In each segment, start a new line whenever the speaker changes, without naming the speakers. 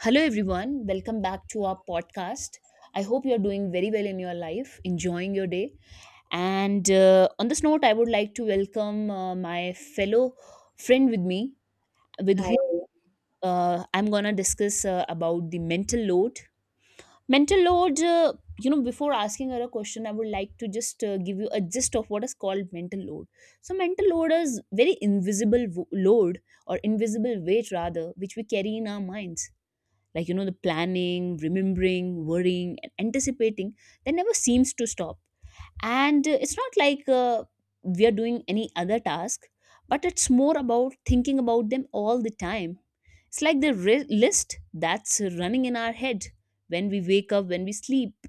Hello, everyone. Welcome back to our podcast. I hope you're doing very well in your life, enjoying your day. And on this note, I would like to welcome my fellow friend with me, with
Hi,
whom I'm going to discuss about the mental load. Mental load, before asking her a question, I would like to just give you a gist of what is called mental load. So, mental load is very invisible load or invisible weight, rather, which we carry in our minds, like the planning, remembering, worrying, and anticipating that never seems to stop. And it's not like we are doing any other task, but it's more about thinking about them all the time. It's like the ri list that's running in our head when we wake up, when we sleep.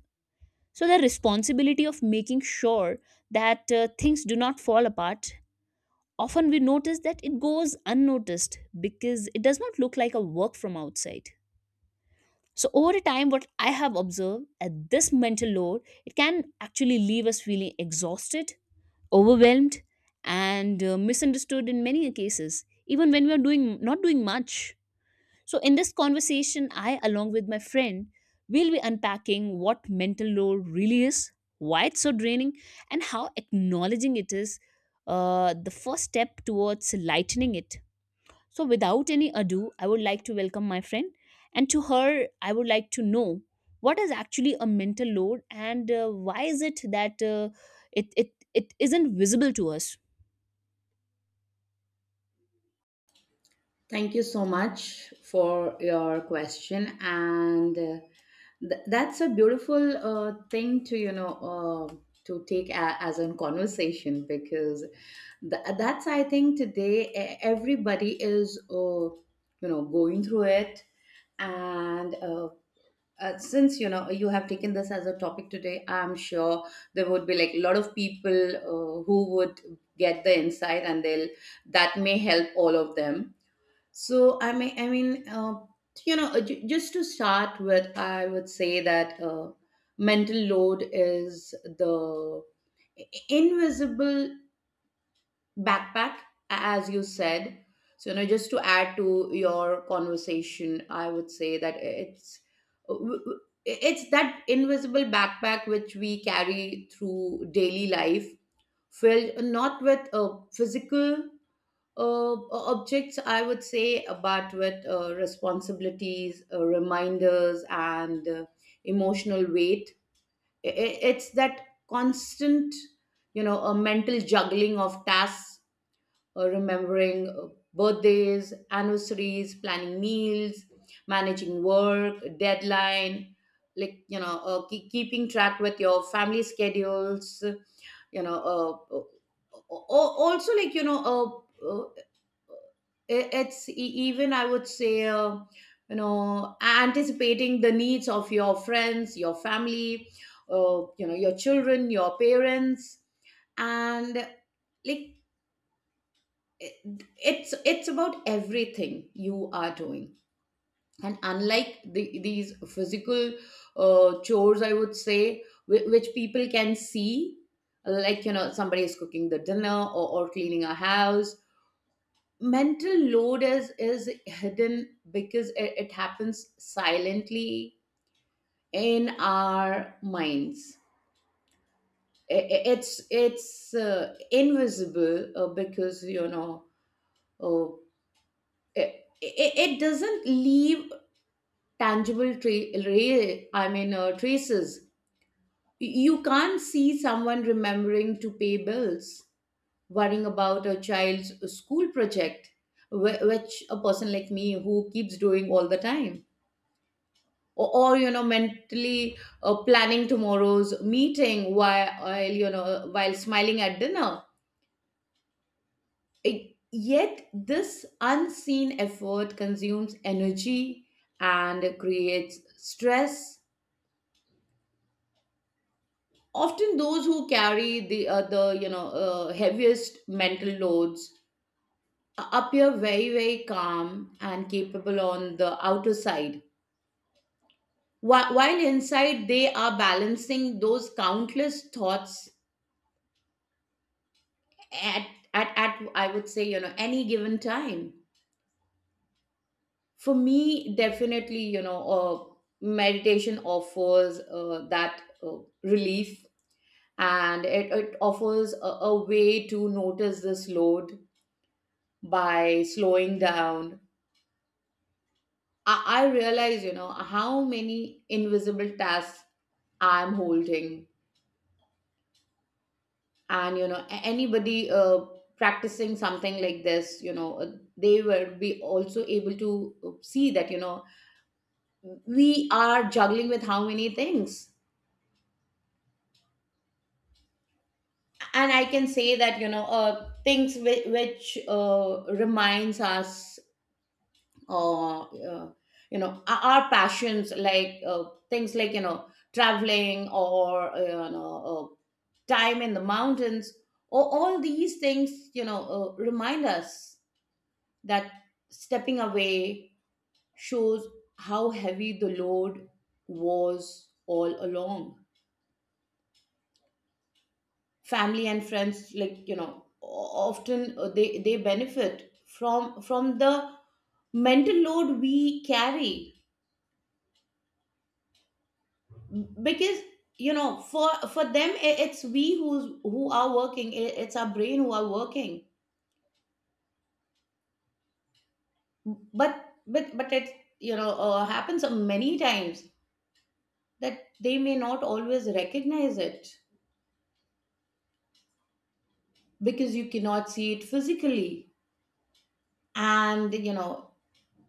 So the responsibility of making sure that things do not fall apart, often we notice that it goes unnoticed because it does not look like a work from outside. So over time, what I have observed at this mental load, it can actually leave us feeling exhausted, overwhelmed, and misunderstood in many cases, even when we are doing not doing much. So in this conversation, I, along with my friend, will be unpacking what mental load really is, why it's so draining, and how acknowledging it is the first step towards lightening it. So, without any ado, I would like to welcome my friend. And to her, I would like to know what is actually a mental load and why is it that it isn't visible to us?
thank you so much for your question. And that's a beautiful thing to, you know, to take as a conversation because that's, I think, today everybody is, you know, going through it. And since, you know, you have taken this as a topic today, I'm sure there would be like a lot of people who would get the insight and that may help all of them. So I mean, I mean, uh, you know, just to start with, I would say that mental load is the invisible backpack, as you said. So you know, just to add to your conversation, I would say that it's that invisible backpack which we carry through daily life filled not with physical objects, I would say, but with responsibilities, reminders, and emotional weight. It's that constant, you know, a mental juggling of tasks, remembering birthdays, anniversaries, planning meals, managing work, deadline, like, you know, keeping track with your family schedules you know uh, uh, Also like you know it's even I would say you know, anticipating the needs of your friends, your family, you know, your children, your parents, and like it's it's about everything you are doing. And unlike these physical chores I would say which people can see, like you know, somebody is cooking the dinner or cleaning a house, mental load is hidden because it happens silently in our minds. It's it's invisible because you know, uh, it, it it doesn't leave tangible traces. You can't see someone remembering to pay bills, worrying about a child's school project, which a person like me who keeps doing all the time. Or you know, mentally planning tomorrow's meeting while, you know, while smiling at dinner. Yet, this unseen effort consumes energy and creates stress. Often, those who carry the you know, heaviest mental loads appear very very calm and capable on the outer side. While inside they are balancing those countless thoughts at, at I would say you know any given time. For me, definitely you know, meditation offers that relief, and it offers a way to notice this load. By slowing down, I realize, you know, how many invisible tasks I'm holding. And, you know, anybody practicing something like this, you know, they will be also able to see that, you know, we are juggling with how many things. And I can say that, you know, things which reminds us, uh, uh, you know, our passions, like things like, you know, traveling or, you know, time in the mountains, or all these things, you know, remind us that stepping away shows how heavy the load was all along. Family and friends, like you know, often they benefit from the mental load we carry, because you know, for them, I- it's we who's who are working, it's our brain who are working. But but it, you know, happens many times that they may not always recognize it because you cannot see it physically. And you know,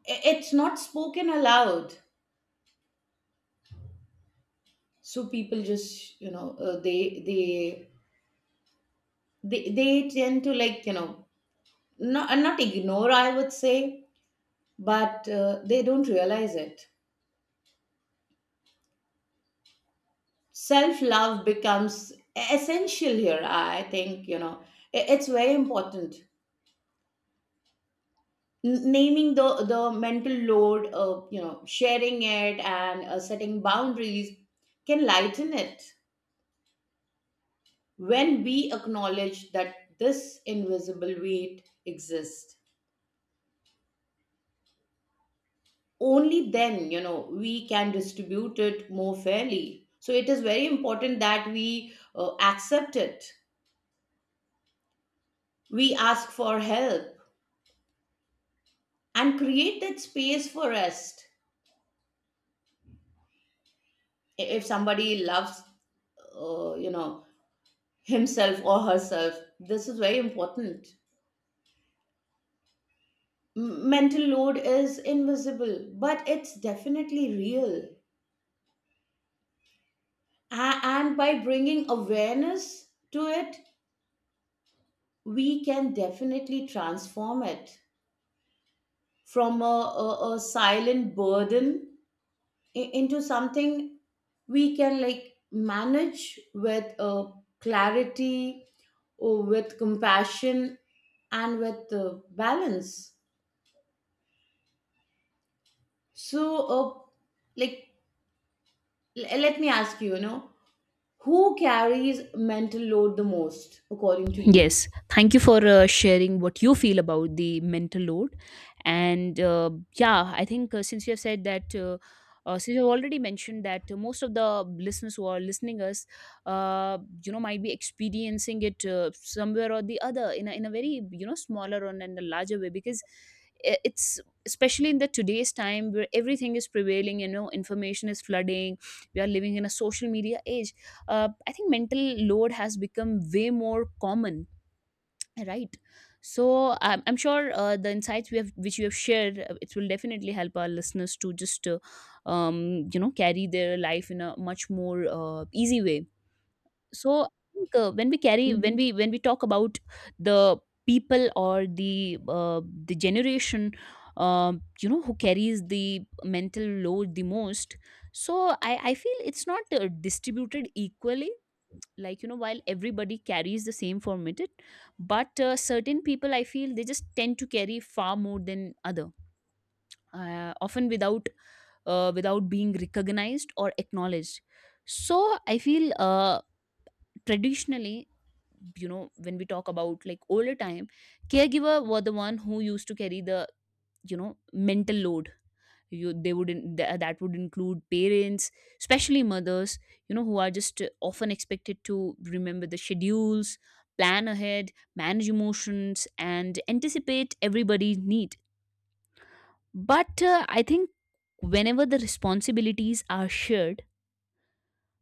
it's not spoken aloud, so people just you know, they tend to like you know, not ignore I would say, but they don't realize it. Self love becomes essential here, I think, you know. It's very important. Naming the mental load, you know, sharing it and setting boundaries can lighten it. When we acknowledge that this invisible weight exists, only then you know, we can distribute it more fairly. So it is very important that we accept it, we ask for help, and create that space for rest, if somebody loves you know, himself or herself. This is very important. Mental load is invisible, but it's definitely real. And by bringing awareness to it, we can definitely transform it from a silent burden into something we can like manage with clarity, or with compassion, and with balance. So like let me ask you, you know, who carries mental load the most, according to you?
Yes, thank you for sharing what you feel about the mental load. And yeah, I think since you have said that, since you've already mentioned that most of the listeners who are listening us, uh, might be experiencing it somewhere or the other in in a very, smaller and in a larger way because it's especially in the today's time where everything is prevailing, information is flooding, we are living in a social media age. I think mental load has become way more common, right? So I'm sure the insights we have which you have shared, it will definitely help our listeners to just carry their life in a much more easy way. So I think when we carry, when
Mhm.
we when we talk about the people or the generation, who carries the mental load the most? So I feel it's not distributed equally, like while everybody carries the same formatted. But certain people I feel they just tend to carry far more than other, often without without being recognized or acknowledged. So I feel traditionally, when we talk about like older time, caregiver were the one who used to carry the, mental load. You, they would that would include parents, especially mothers, who are just often expected to remember the schedules, plan ahead, manage emotions, and anticipate everybody's need. But I think whenever the responsibilities are shared,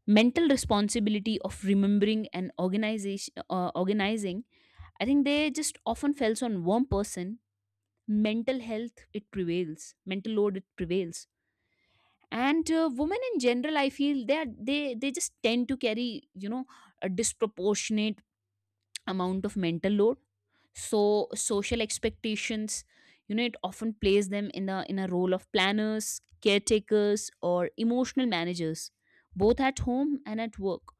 mental responsibility of remembering and organization, organizing, I think they just often falls on one person. Mental health it prevails, mental load it prevails. And women in general, I feel that they just tend to carry, a disproportionate amount of mental load. So social expectations, it often plays them in a, in a role of planners, caretakers, or emotional managers, both at home and at work.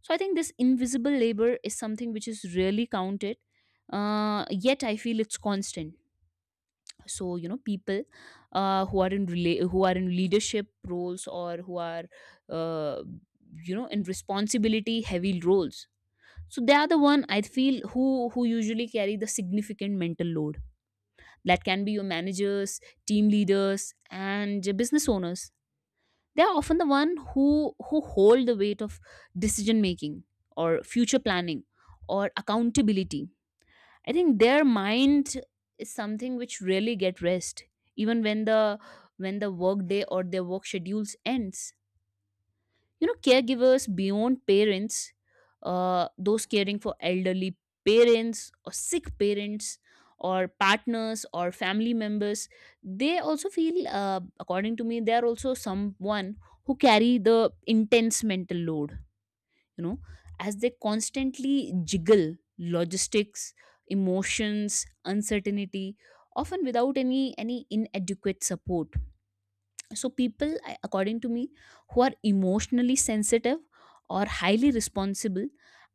So I think this invisible labor is something which is rarely counted, yet I feel it's constant. So you know, people who are in who are in leadership roles or who are uh, in responsibility heavy roles, so they are the one I feel who usually carry the significant mental load. That can be your managers, team leaders, and business owners. They are often the one who hold the weight of decision making, or future planning, or accountability. I think their mind is something which really get rest, even when the, when the work day or their work schedules ends. You know, caregivers beyond parents, those caring for elderly parents or sick parents or partners or family members, they also feel, according to me, they are also someone who carry the intense mental load, you know, as they constantly jiggle logistics, emotions, uncertainty, often without any, any inadequate support. So people, according to me, who are emotionally sensitive or highly responsible,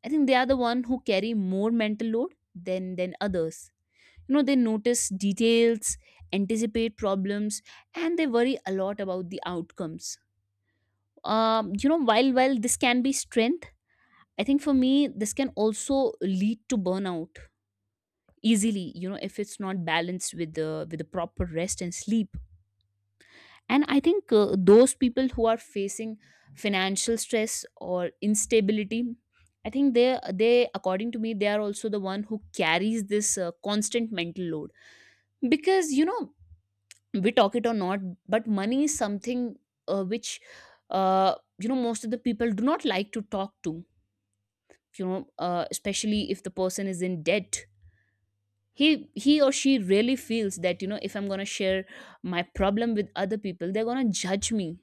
I think they are the one who carry more mental load than others. You know, they notice details, anticipate problems, and they worry a lot about the outcomes. You know, while this can be strength, I think for me, this can also lead to burnout easily, you know, if it's not balanced with the, with the proper rest and sleep. And I think those people who are facing financial stress or instability, I think they according to me, they are also the one who carries this constant mental load. Because you know, we talk it or not, but money is something which, uh, most of the people do not like to talk to. You know, especially if the person is in debt, he or she really feels that, you know, if I'm going to share my problem with other people, they're going to judge me.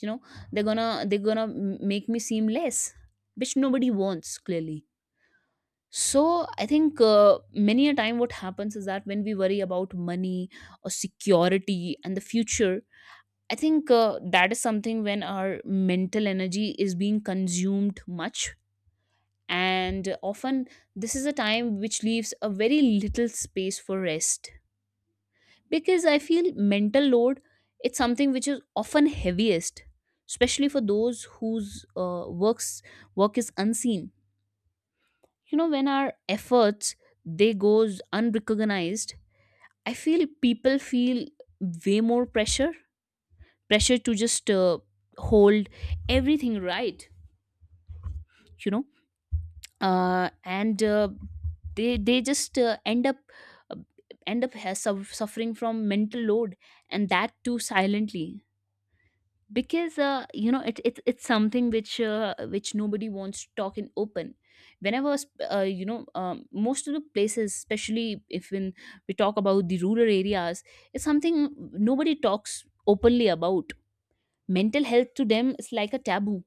You know, they're going to, they're going to make me seem less, which nobody wants clearly. So I think many a time what happens is that when we worry about money or security and the future, I think that is something when our mental energy is being consumed much. And often this is a time which leaves a very little space for rest. Because I feel mental load, it's something which is often heaviest, especially for those whose work is unseen. You know, when our efforts, they goes unrecognized, I feel people feel way more pressure, pressure to just hold everything, right? you know uh, and they just uh, end up has, suf- suffering from mental load, and that too silently. Because you know, it it's something which nobody wants to talk in open. Whenever most of the places, especially if when we talk about the rural areas, it's something nobody talks openly about. Mental health to them is like a taboo.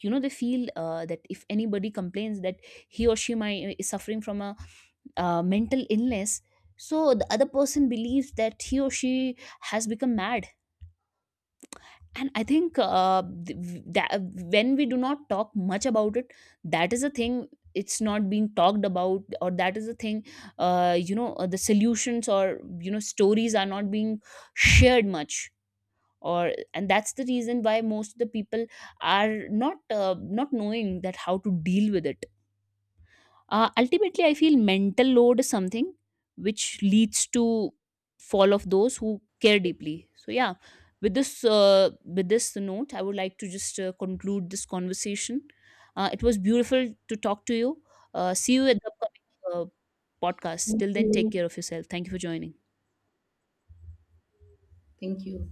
You know, they feel that if anybody complains that he or she might is suffering from a mental illness, so the other person believes that he or she has become mad. And I think that when we do not talk much about it, that is a thing. It's not being talked about, or that is a thing, the solutions or, you know, stories are not being shared much, or, and that's the reason why most of the people are not not knowing that how to deal with it. Ultimately I feel mental load is something which leads to fall of those who care deeply. So yeah, with this uh, with this note, I would like to just conclude this conversation. It was beautiful to talk to you. See you at the upcoming podcast.
Thank
Till then, take
you.
care of yourself. Thank you for joining.
Thank you.